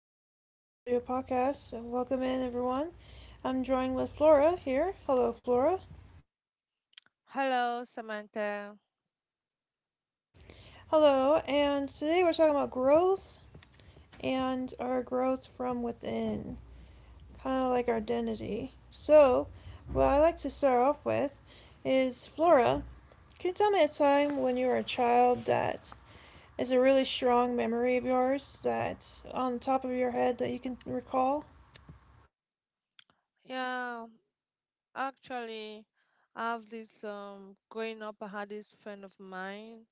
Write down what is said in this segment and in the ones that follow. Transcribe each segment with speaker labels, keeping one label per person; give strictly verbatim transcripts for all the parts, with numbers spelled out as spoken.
Speaker 1: Samantha's audio podcast. Welcome in, everyone. I'm joined with Flora here. Hello, Flora.
Speaker 2: Hello, Samantha.
Speaker 1: Hello, and today we're talking about growth and our growth from within, kind of like our identity. So, what I like to start off with is Flora. Can you tell me a time when you were a child that is a really strong memory of yours that's on the top of your head that you can recall?
Speaker 2: Yeah, actually, I have this um growing up. I had this friend of mine.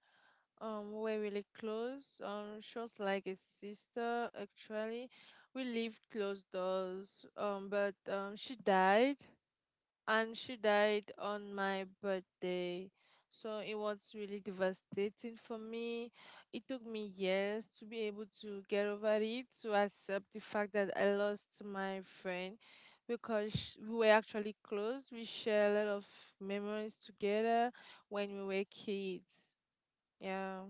Speaker 2: Um, we're really close. Um, she was like a sister. Actually, we lived close doors. Um, but um, she died. And she died on my birthday. So it was really devastating for me. It took me years to be able to get over it, to accept the fact that I lost my friend because sh- we were actually close. We share a lot of memories together when we were kids. Yeah.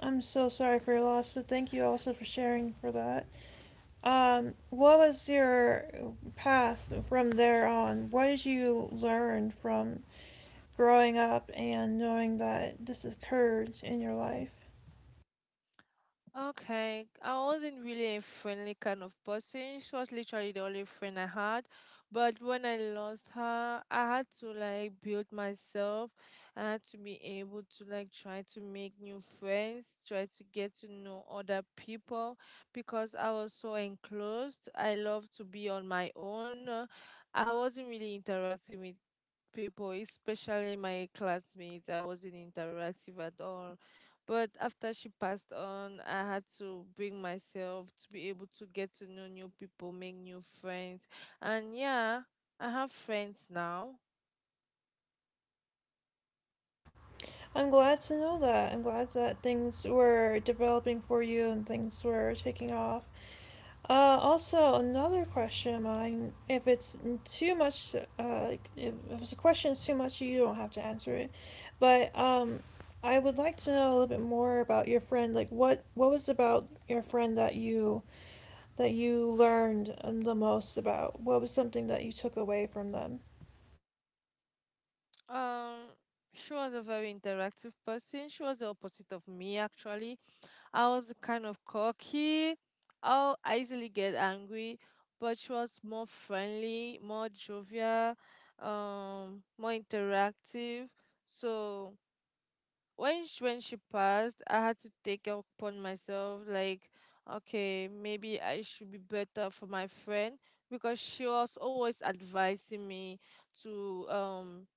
Speaker 1: I'm so sorry for your loss, but thank you also for sharing for that. Um, what was your path from there on? What did you learn from growing up and knowing that this occurred in your life?
Speaker 2: Okay, I wasn't really a friendly kind of person. She was literally the only friend I had. But when I lost her, I had to like build myself. I had to be able to like try to make new friends, try to get to know other people because I was so enclosed. I love to be on my own. Uh, I wasn't really interacting with people, especially my classmates. I wasn't interactive at all. But after she passed on, I had to bring myself to be able to get to know new people, make new friends. And yeah, I have friends now.
Speaker 1: I'm glad to know that. I'm glad that things were developing for you and things were taking off. Uh, also, another question of mine, if it's too much, uh, like, if, if it's a question is too much, you don't have to answer it. But um, I would like to know a little bit more about your friend. Like, what what was about your friend that you that you learned um, the most about? What was something that you took away from them?
Speaker 2: Um, she was a very interactive person. She was the opposite of me, actually. I was kind of cocky. I'll I easily get angry, but she was more friendly, more jovial, um, more interactive. So when she, when she passed, I had to take it upon myself, like, okay, maybe I should be better for my friend because she was always advising me to um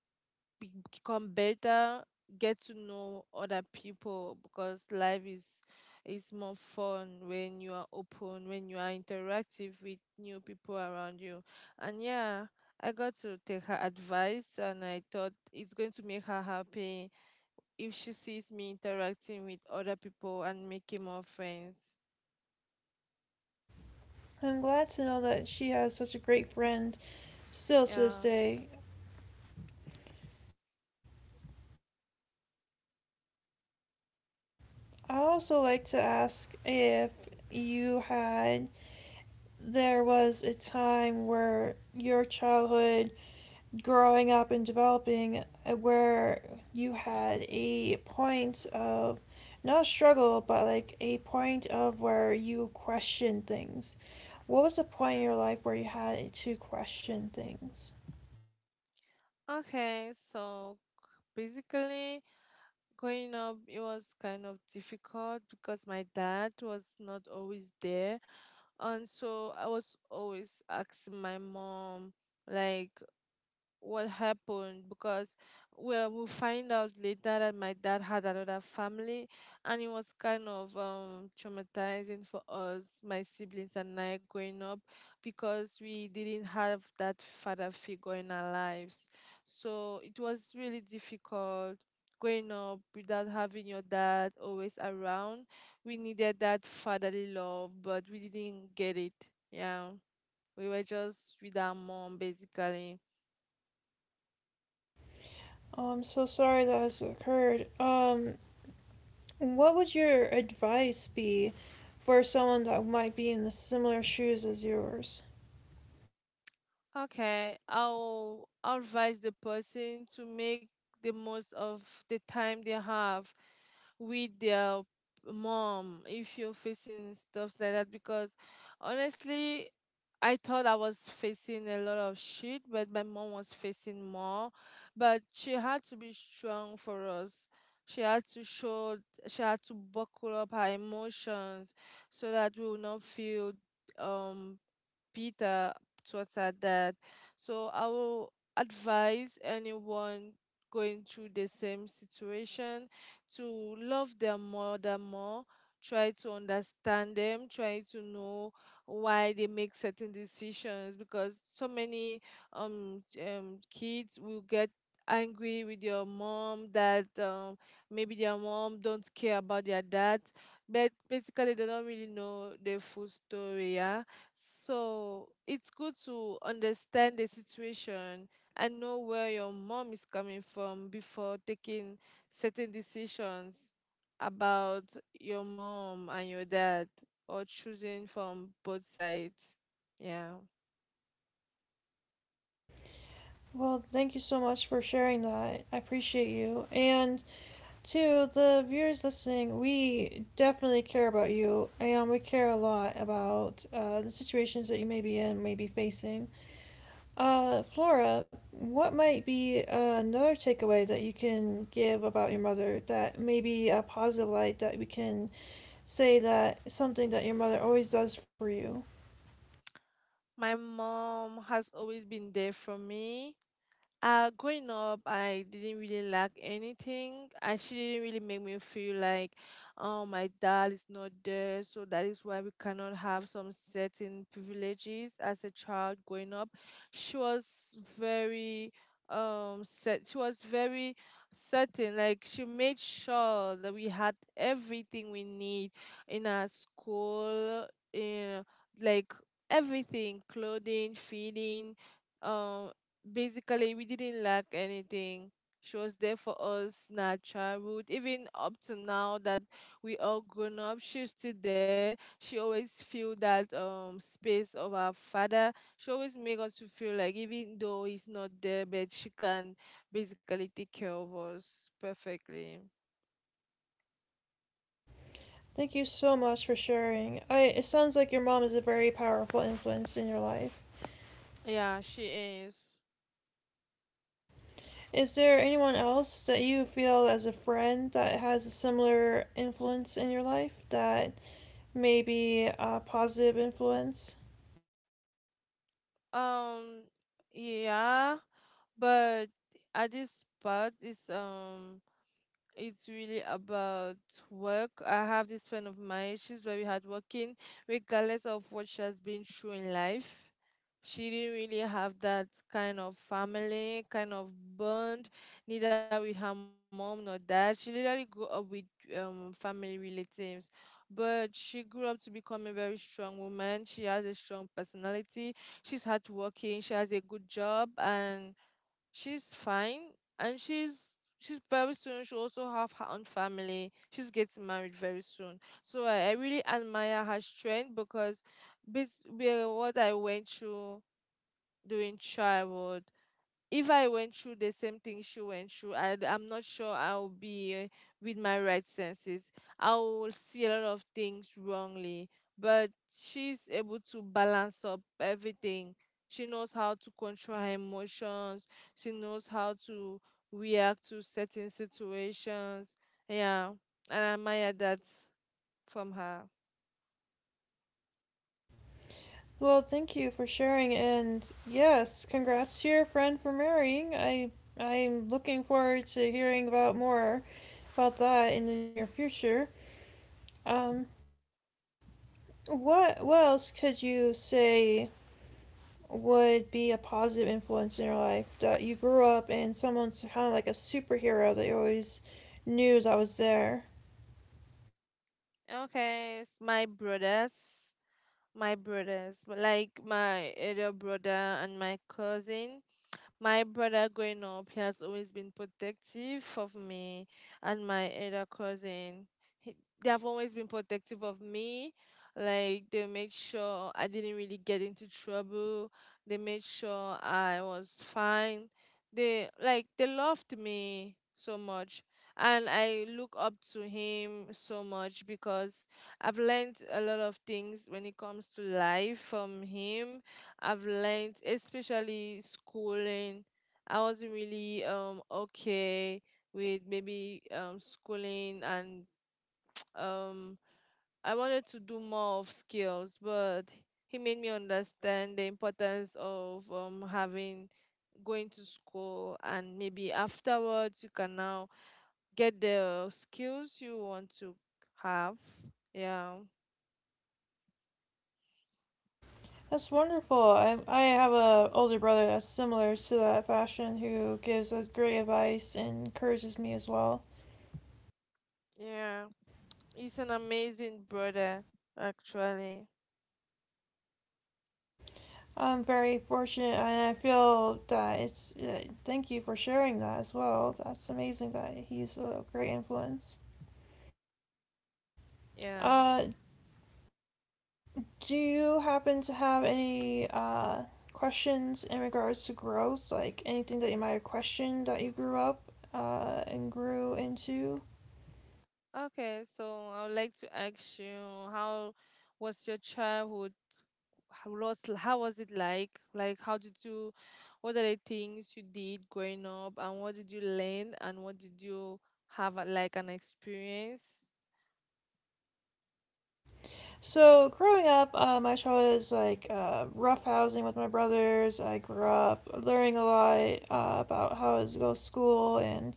Speaker 2: be- become better, get to know other people because life is is more fun when you are open, when you are interactive with new people around you. And yeah, I got to take her advice and I thought it's going to make her happy if she sees me interacting with other people and making more friends.
Speaker 1: I'm glad to know that she has such a great friend still to this
Speaker 2: Yeah.
Speaker 1: day. I also like to ask if you had there was a time where your childhood growing up and developing uh, where you had a point of not struggle but like a point of where you questioned things. What was the point in your life where you had to question things?
Speaker 2: Okay, so basically growing up, it was kind of difficult because my dad was not always there. And so I was always asking my mom, like, what happened, because well we find out later that my dad had another family, and it was kind of um traumatizing for us, my siblings and I, growing up because we didn't have that father figure in our lives. So it was really difficult growing up without having your dad always around. We needed that fatherly love but we didn't get it. Yeah, we were just with our mom basically.
Speaker 1: Oh, I'm so sorry that has occurred. Um what would your advice be for someone that might be in the similar shoes as yours?
Speaker 2: Okay, I'll I'll advise the person to make the most of the time they have with their mom if you're facing stuff like that because honestly I thought I was facing a lot of shit but my mom was facing more. But she had to be strong for us. She had to show, she had to buckle up her emotions so that we will not feel um Peter towards her dad. So I will advise anyone going through the same situation to love their mother more, try to understand them, try to know why they make certain decisions because so many um, um kids will get angry with your mom that um, maybe their mom don't care about their dad, but basically they don't really know the full story. Yeah, so it's good to understand the situation and know where your mom is coming from before taking certain decisions about your mom and your dad or choosing from both sides. Yeah.
Speaker 1: Well, thank you so much for sharing that. I appreciate you. And to the viewers listening, we definitely care about you and we care a lot about uh, the situations that you may be in, may be facing. Uh, Flora, what might be uh, another takeaway that you can give about your mother that may be a positive light that we can say that something that your mother always does for you?
Speaker 2: My mom has always been there for me. Uh, growing up, I didn't really lack anything. Uh, she didn't really make me feel like, oh, my dad is not there, so that is why we cannot have some certain privileges as a child growing up. She was very um set she was very certain, like she made sure that we had everything we need in our school, in like everything, clothing, feeding, um basically we didn't lack anything. She was there for us in our childhood, even up to now that we all grown up, she's still there. She always feel that um space of our father. She always make us to feel like even though he's not there, but she can basically take care of us perfectly.
Speaker 1: Thank you so much for sharing. I, it sounds like your mom is a very powerful influence in your life.
Speaker 2: Yeah, she is.
Speaker 1: Is there anyone else that you feel as a friend that has a similar influence in your life that may be a positive influence?
Speaker 2: um yeah, but at this part is um it's really about work. I have this friend of mine, she's very hardworking, regardless of what she has been through in life. She didn't really have that kind of family, kind of bond, neither with her mom nor dad. She literally grew up with um family relatives. But she grew up to become a very strong woman. She has a strong personality. She's hardworking. She has a good job and she's fine, and she's she's very soon, she also have her own family, she's getting married very soon. So i, I really admire her strength because this were what I went through during childhood. If I went through the same thing she went through, I, I'm not sure I'll be uh, with my right senses. I will see a lot of things wrongly, but she's able to balance up everything. She knows how to control her emotions. She knows how to react to certain situations. Yeah, and I admire that from her.
Speaker 1: Well, thank you for sharing, and yes, congrats to your friend for marrying. I I'm looking forward to hearing about more about that in the near future. Um, what what else could you say would be a positive influence in your life that you grew up and someone's kind of like a superhero that you always knew that was there?
Speaker 2: Okay, it's my brothers. My brothers, but like my elder brother and my cousin. My brother growing up, he has always been protective of me and my other cousin. He, they have always been protective of me. Like they made sure I didn't really get into trouble. They made sure I was fine. They like they loved me so much. And I look up to him so much because I've learned a lot of things when it comes to life from him. I've learned, especially schooling. I wasn't really um okay with maybe um schooling, and um I wanted to do more of skills, but he made me understand the importance of um having going to school, and maybe afterwards you can now get the skills you want to have. Yeah.
Speaker 1: That's wonderful. i, I have a older brother that's similar to that fashion who gives us great advice and encourages me as well.
Speaker 2: Yeah. He's an amazing brother actually.
Speaker 1: I'm very fortunate and I feel that it's uh, thank you for sharing that as well. That's amazing that he's a great influence.
Speaker 2: Yeah.
Speaker 1: uh, Do you happen to have any uh, questions in regards to growth? Like anything that you might have questioned that you grew up uh, and grew into?
Speaker 2: Okay, so I would like to ask you, how was your childhood? How was how was it like? Like how did you, what are the things you did growing up, and what did you learn, and what did you have, uh, like an experience?
Speaker 1: So, growing up, uh, my childhood is like uh, rough with my brothers. I grew up learning a lot uh, about how to go to school and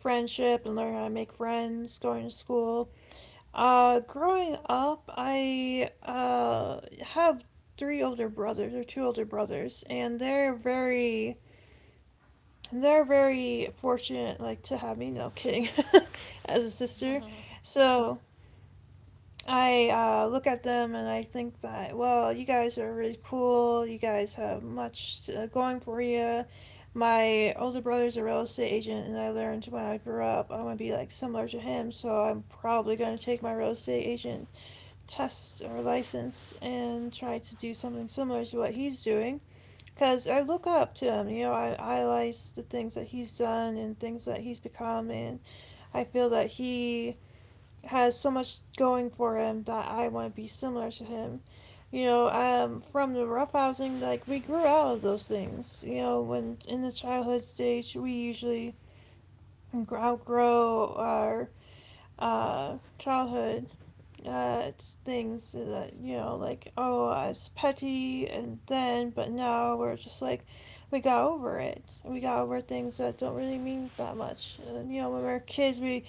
Speaker 1: friendship and learning how to make friends going to school. Uh, growing up, I uh have three older brothers or two older brothers, and they're very they're very fortunate like to have me. No kidding, as a sister. So I uh, look at them and I think that well, you guys are really cool. You guys have much uh, going for you. My older brother's a real estate agent, and I learned when I grew up I want to be like similar to him. So I'm probably going to take my real estate agent test or license and try to do something similar to what he's doing. Because I look up to him, you know, I idolize the things that he's done and things that he's become, and I feel that he has so much going for him that I want to be similar to him. You know, um, from the roughhousing, like we grew out of those things. You know, when in the childhood stage, we usually outgrow our uh, childhood. Uh, it's things that you know like oh I was petty and then but now we're just like we got over it. We got over things that don't really mean that much, and you know when we were kids we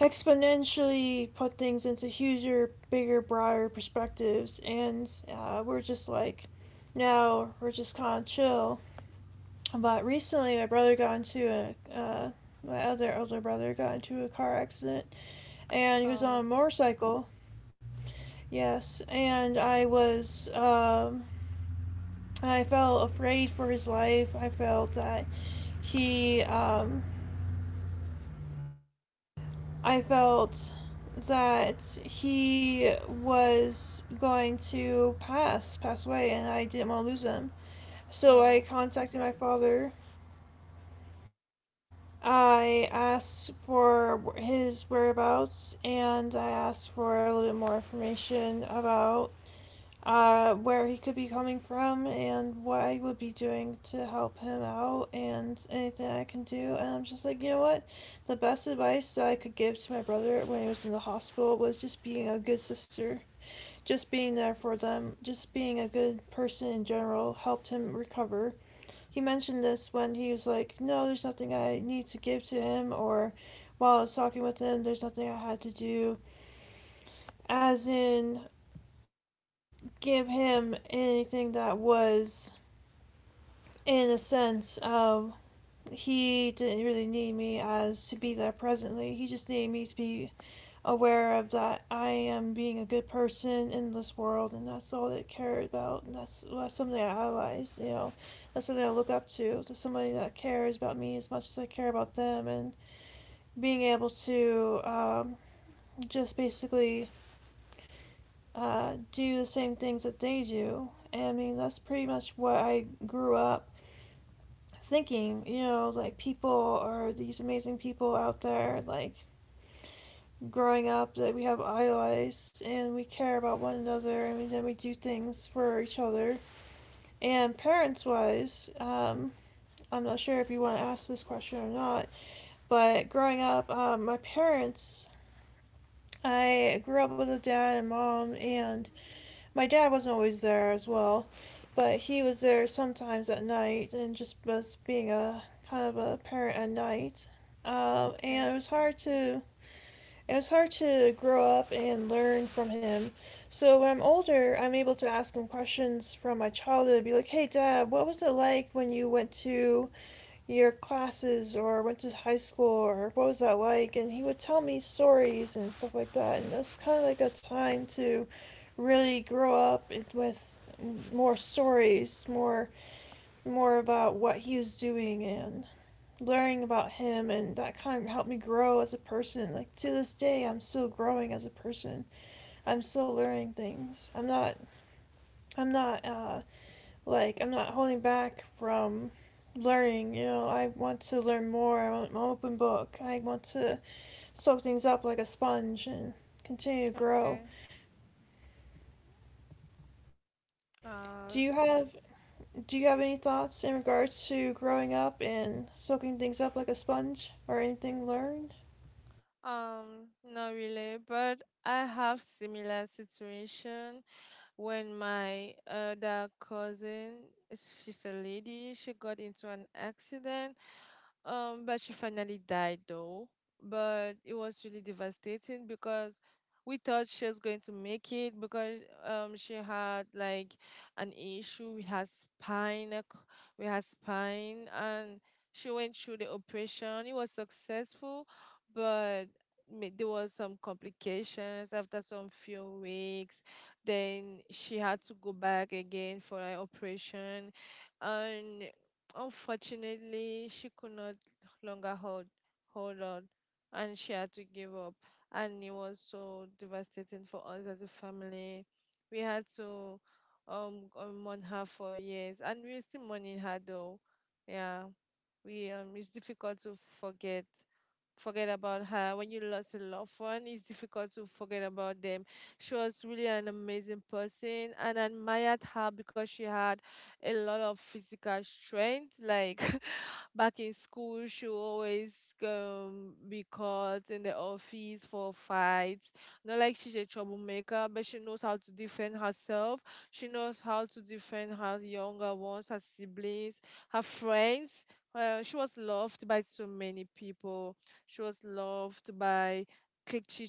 Speaker 1: exponentially put things into huger bigger broader perspectives and uh, we're just like now we're just kind of chill. But recently my brother got into a uh, my other older brother got into a car accident and he was on a
Speaker 2: Oh,
Speaker 1: motorcycle. Yes, and I was, um, I felt afraid for his life. I felt that he, um, I felt that he was going to pass, pass away, and I didn't want to lose him. So I
Speaker 2: oh,
Speaker 1: contacted my father. I asked for his whereabouts, and I asked for a little bit more information about uh, where he could be coming from and what I would be doing to help him out and anything I can do. And I'm just like, you know what? The best advice that I could give to my brother when he was in the hospital was just being a good sister, just being there for them, just being a good person in general helped him recover. He mentioned this when he was like, no, there's nothing I need to give to him, or while I was talking with him, there's nothing I had to do, as in give him anything that was in a sense of he didn't really need me as to be there presently. He just needed me to be aware of that I am being a good person in this world, and that's all that I cared about. And that's, that's something I idolize, you know. That's something I look up to, to somebody that cares about me as much as I care about them, and being able to um, just basically uh, do the same things that they do. And I mean, that's pretty much what I grew up thinking, you know, like people are these amazing people out there, like growing up that we have idolized and we care about one another and we, then we do things for each other. And parents wise, um, I'm not sure if you want to ask this question or not, but growing up, um, my parents, I grew up with a dad and mom, and my dad wasn't always there as well. But he was there sometimes at night and just us being a kind of a parent at night. Um, and it
Speaker 2: okay.
Speaker 1: was hard to it was hard to grow up and learn from him. So when I'm older I'm able to ask him questions from my childhood, be like hey dad what was it like when you went to your classes or went to high school or what was that like, and he would tell me stories and stuff like that. And that's kind of like a time to really grow up with more stories, more more about what he was doing and learning about him, and that kind of helped me grow as a person. Like to this day I'm still growing as a person. I'm still learning things. i'm not I'm not uh like, I'm not holding back from learning. You know, I want to learn more. I want, I'm an open book. I want to soak things up like a sponge and continue to grow.
Speaker 2: Okay. Uh,
Speaker 1: Do you have Do you have any thoughts in regards to growing up and soaking things up like a sponge or anything learned?
Speaker 2: um, Not really, but I have similar situation. When my other cousin, she's a lady, she got into an accident, um, but she finally died though. But it was really devastating because we thought she was going to make it because um she had like an issue with her spine, uh, c- with her spine, and she went through the operation. It was successful, but ma- there was some complications after some few weeks, then she had to go back again for an operation, and unfortunately, she could not longer hold hold on, and she had to give up. And it was so devastating for us as a family. We had to um uh, mourn her for years, and we're still mourning her though. Yeah, we um it's difficult to forget forget about her. When you lost a loved one, it's difficult to forget about them. She was really an amazing person, and I admired her because she had a lot of physical strength. Like back in school, she would always um, be caught in the office for fights. Not like she's a troublemaker, but she knows how to defend herself. She knows how to defend her younger ones, her siblings, her friends. Uh, she was loved by so many people. She was loved by clique she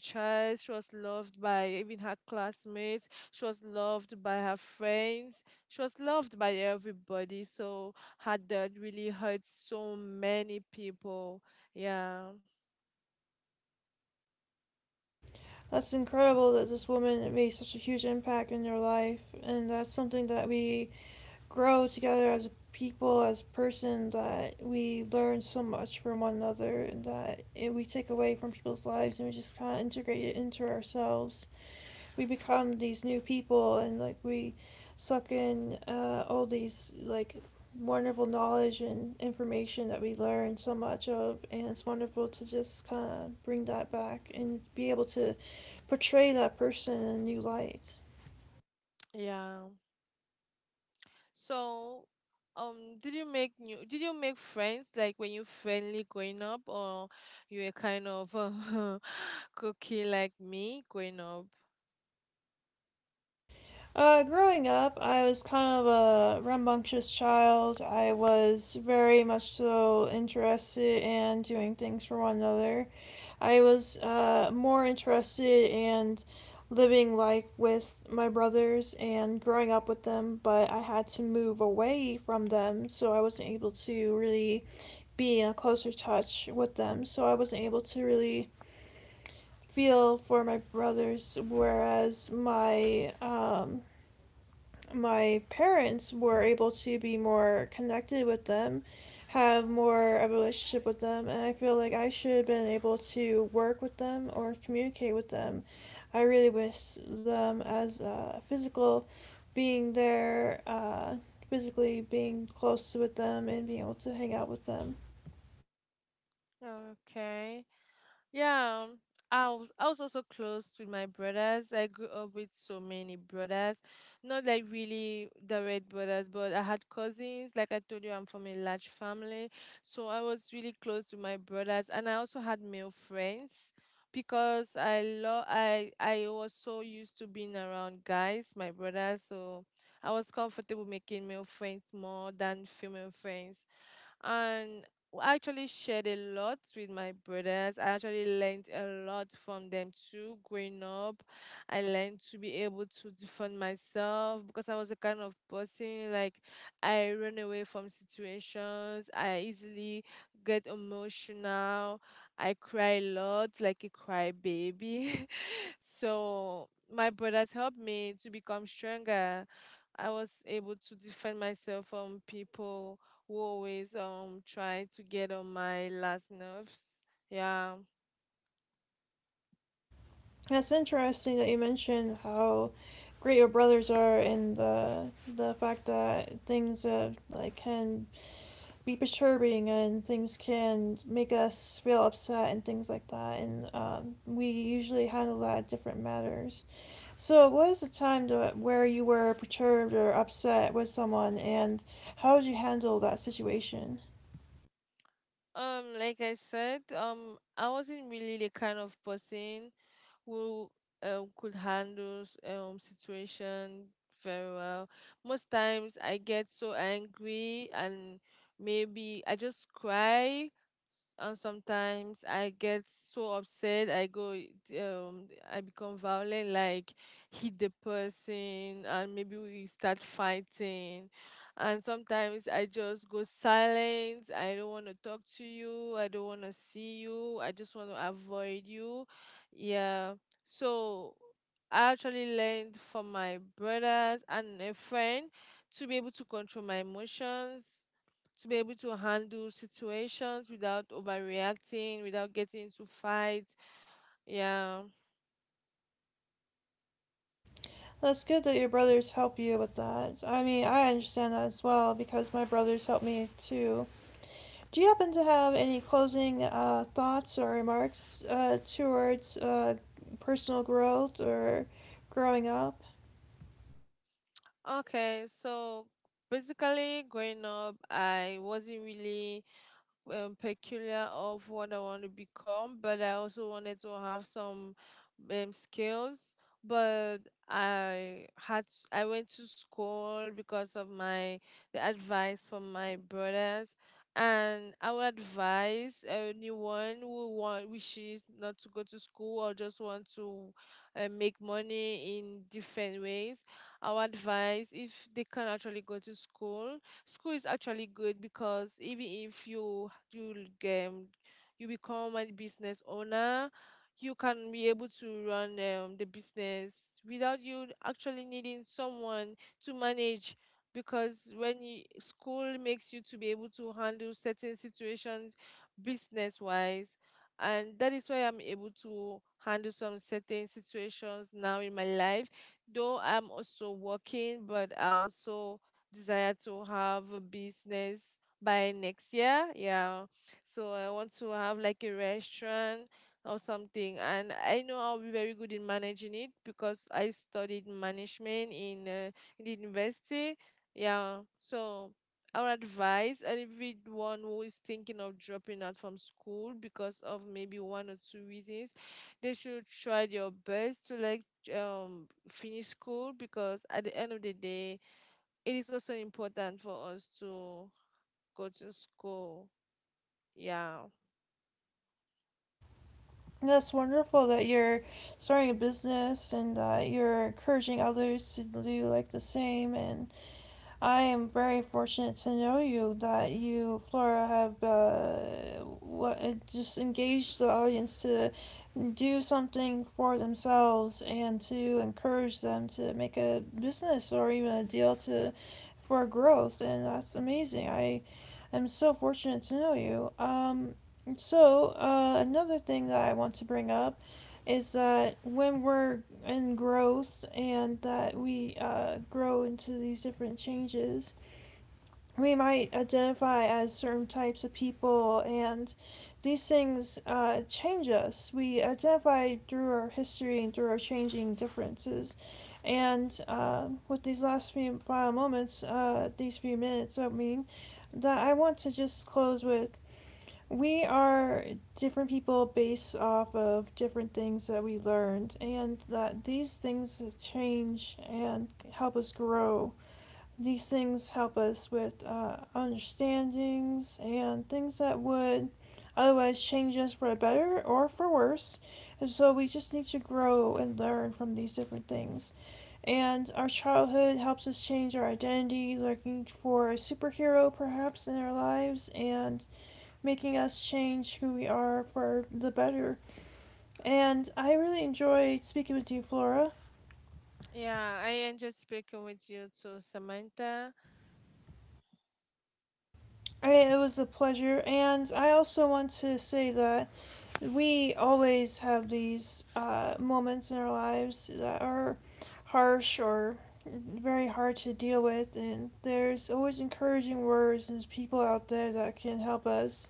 Speaker 2: She was loved by even her classmates. She was loved by her friends. She was loved by everybody. So her dad really hurt so many people. Yeah.
Speaker 1: That's incredible that this woman made such a huge impact in your life, and that's something that we grow together as a people, as a person, that we learn so much from one another, and that we take away from people's lives and we just kind of integrate it into ourselves. We become these new people, and like we suck in uh, all these like wonderful knowledge and information that we learn so much of, and it's wonderful to just kind of bring that back and be able to portray that person in a new light.
Speaker 2: Yeah. So, um, did you make new? Did you make friends like when you friendly growing up, or you were kind of cookie like me growing up?
Speaker 1: Uh, growing up, I was kind of a rambunctious child. I was very much so interested in doing things for one another. I was uh, more interested in living life with my brothers and growing up with them, but I had to move away from them, so I wasn't able to really be in a closer touch with them. So I wasn't able to really feel for my brothers, whereas my um, my parents were able to be more connected with them, have more of a relationship with them, and I feel like I should have been able to work with them or communicate with them. I really wish them as a uh, physical being there, uh, physically being close with them and being able to hang out with them.
Speaker 2: Okay. Yeah, um, I was I was also close with my brothers. I grew up with so many brothers, not like really direct brothers, but I had cousins. Like I told you, I'm from a large family, so I was really close to my brothers, and I also had male friends because I love I I was so used to being around guys, my brothers, so I was comfortable making male friends more than female friends, and I actually shared a lot with my brothers. I actually learned a lot from them too. Growing up, I learned to be able to defend myself because I was a kind of person like I run away from situations. I easily get emotional. I cry a lot, like a cry baby. So my brothers helped me to become stronger. I was able to defend myself from people who always um try to get on my last nerves. Yeah.
Speaker 1: That's interesting that you mentioned how great your brothers are and the the fact that things that like can be perturbing and things can make us feel upset and things like that, and um, we usually handle that different matters. So what is the time to, where you were perturbed or upset with someone, and how did you handle that situation?
Speaker 2: Um, like I said, um, I wasn't really the kind of person who um, could handle um situation very well. Most times I get so angry and maybe I just cry. s- And sometimes I get so upset, I go, um, I become violent, like hit the person, and maybe we start fighting. And sometimes I just go silent. I don't want to talk to you. I don't want to see you. I just want to avoid you. Yeah. So I actually learned from my brothers and a friend to be able to control my emotions, to be able to handle situations without overreacting, without getting into fights. Yeah.
Speaker 1: That's good that your brothers help you with that. I mean, I understand that as well because my brothers help me too. Do you happen to have any closing uh, thoughts or remarks uh, towards uh, personal growth or growing up?
Speaker 2: Okay, so basically growing up, I wasn't really um, peculiar of what I want to become, but I also wanted to have some um, skills. But I had s- I went to school because of my the advice from my brothers, and I would advise anyone who want wishes not to go to school or just want to uh, make money in different ways. I would advise if they can actually go to school school is actually good because even if you you um, you become a business owner, you can be able to run um, the business without you actually needing someone to manage because when you, school makes you to be able to handle certain situations business wise, and that is why I'm able to handle some certain situations now in my life. Though I'm also working, but I also desire to have a business by next year. Yeah. So I want to have like a restaurant or something. And I know I'll be very good in managing it because I studied management in, uh, in the university. Yeah. So I would advise everyone who is thinking of dropping out from school because of maybe one or two reasons, they should try their best to like um finish school because at the end of the day it is also important for us to go to school. Yeah.
Speaker 1: That's wonderful that you're starting a business and that you're encouraging others to do like the same, and I am very fortunate to know you, that you, Flora, have uh, uh, just engaged the audience to do something for themselves and to encourage them to make a business or even a deal to for growth, and that's amazing. I am so fortunate to know you. Um, so uh, another thing that I want to bring up is that when we're in growth and that we uh, grow into these different changes, we might identify as certain types of people, and these things uh, change us. We identify through our history and through our changing differences. And uh, with these last few final moments, uh, these few minutes, I mean, that I want to just close with, we are different people based off of different things that we learned, and that these things change and help us grow. These things help us with uh, understandings and things that would otherwise change us for the better or for worse. And so we just need to grow and learn from these different things. And our childhood helps us change our identity, looking for a superhero perhaps in our lives, and making us change who we are for the better. And I really enjoyed speaking with you, Flora.
Speaker 2: Yeah, I enjoyed speaking with you too, Samantha.
Speaker 1: I, it was a pleasure, and I also want to say that we always have these uh, moments in our lives that are harsh or very hard to deal with, and there's always encouraging words and people out there that can help us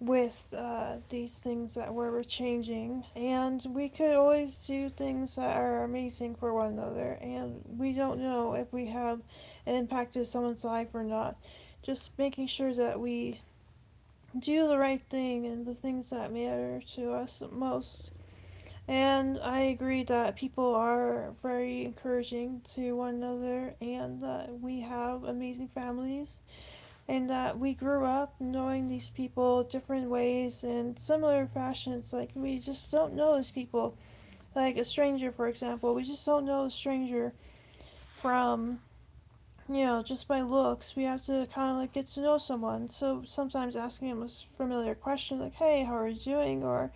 Speaker 1: with uh, these things that we're changing. And we could always do things that are amazing for one another. And we don't know if we have an impact to someone's life or not. Just making sure that we do the right thing and the things that matter to us most. And I agree that people are very encouraging to one another and that we have amazing families and that we grew up knowing these people different ways and similar fashions. Like we just don't know these people. Like a stranger, for example, we just don't know a stranger from, you know, just by looks. We have to kind of like get to know someone. So sometimes asking them a familiar question like, "Hey, how are you doing?" or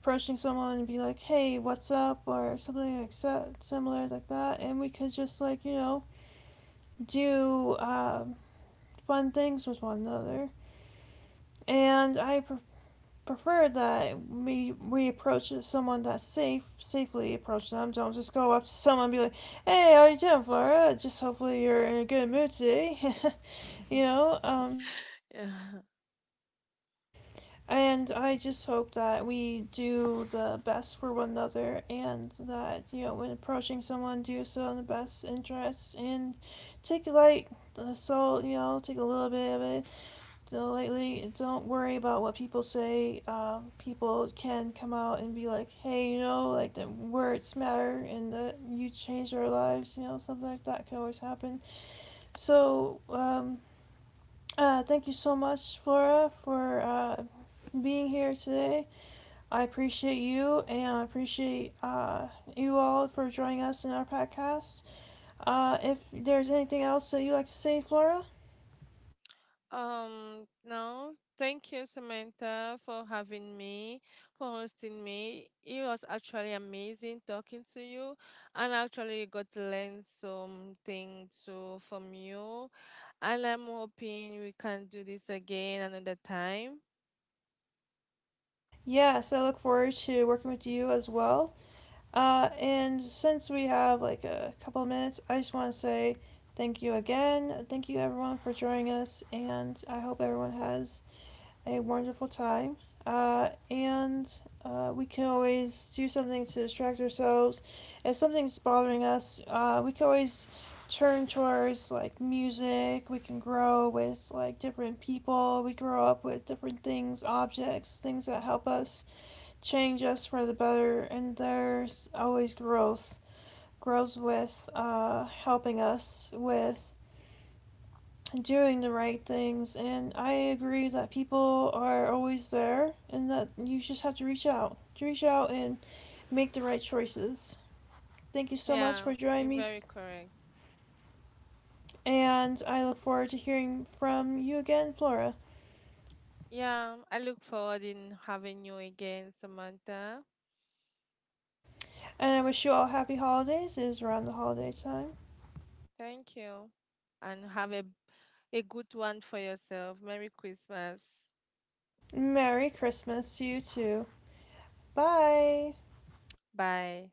Speaker 1: approaching someone and be like, "Hey, what's up?" or something like that, similar like that, and we could just like, you know, do um, fun things with one another. And I prefer prefer that we we approach someone that's safe safely approach them. Don't just go up to someone and be like, "Hey, how you doing, Flora? Just hopefully you're in a good mood today." You know, um
Speaker 2: Yeah.
Speaker 1: and I just hope that we do the best for one another, and that, you know, when approaching someone, do so in the best interest and take like, so, you know, take a little bit of it. So lately, don't worry about what people say. Um, people can come out and be like, "Hey, you know," like the words matter and that you changed our lives, you know, something like that can always happen. So, um, uh, Thank you so much, Flora, for uh, being here today. I appreciate you and I appreciate uh, you all for joining us in our podcast. Uh, if there's anything else that you'd like to say, Flora?
Speaker 2: Um, no, thank you, Samantha, for having me, for hosting me. It was actually amazing talking to you, and I actually got to learn something too from you. And I'm hoping we can do this again another time.
Speaker 1: Yes, I look forward to working with you as well. Uh, and since we have like a couple of minutes, I just want to say thank you again. Thank you everyone for joining us, and I hope everyone has a wonderful time. Uh, and uh, We can always do something to distract ourselves. If something's bothering us, uh, we can always turn towards like music. We can grow with like different people. We grow up with different things, objects, things that help us change us for the better, and there's always growth. Growth with uh, helping us with doing the right things, and I agree that people are always there, and that you just have to reach out, reach out and make the right choices. Thank you so much
Speaker 2: Yeah,
Speaker 1: for joining
Speaker 2: you're
Speaker 1: me,
Speaker 2: very correct.
Speaker 1: and I look forward to hearing from you again, Flora.
Speaker 2: Yeah, I look forward in having you again, Samantha.
Speaker 1: And I wish you all happy holidays. It is around the holiday time.
Speaker 2: Thank you. And have a a good one for yourself. Merry Christmas.
Speaker 1: Merry Christmas to you too. Bye.
Speaker 2: Bye.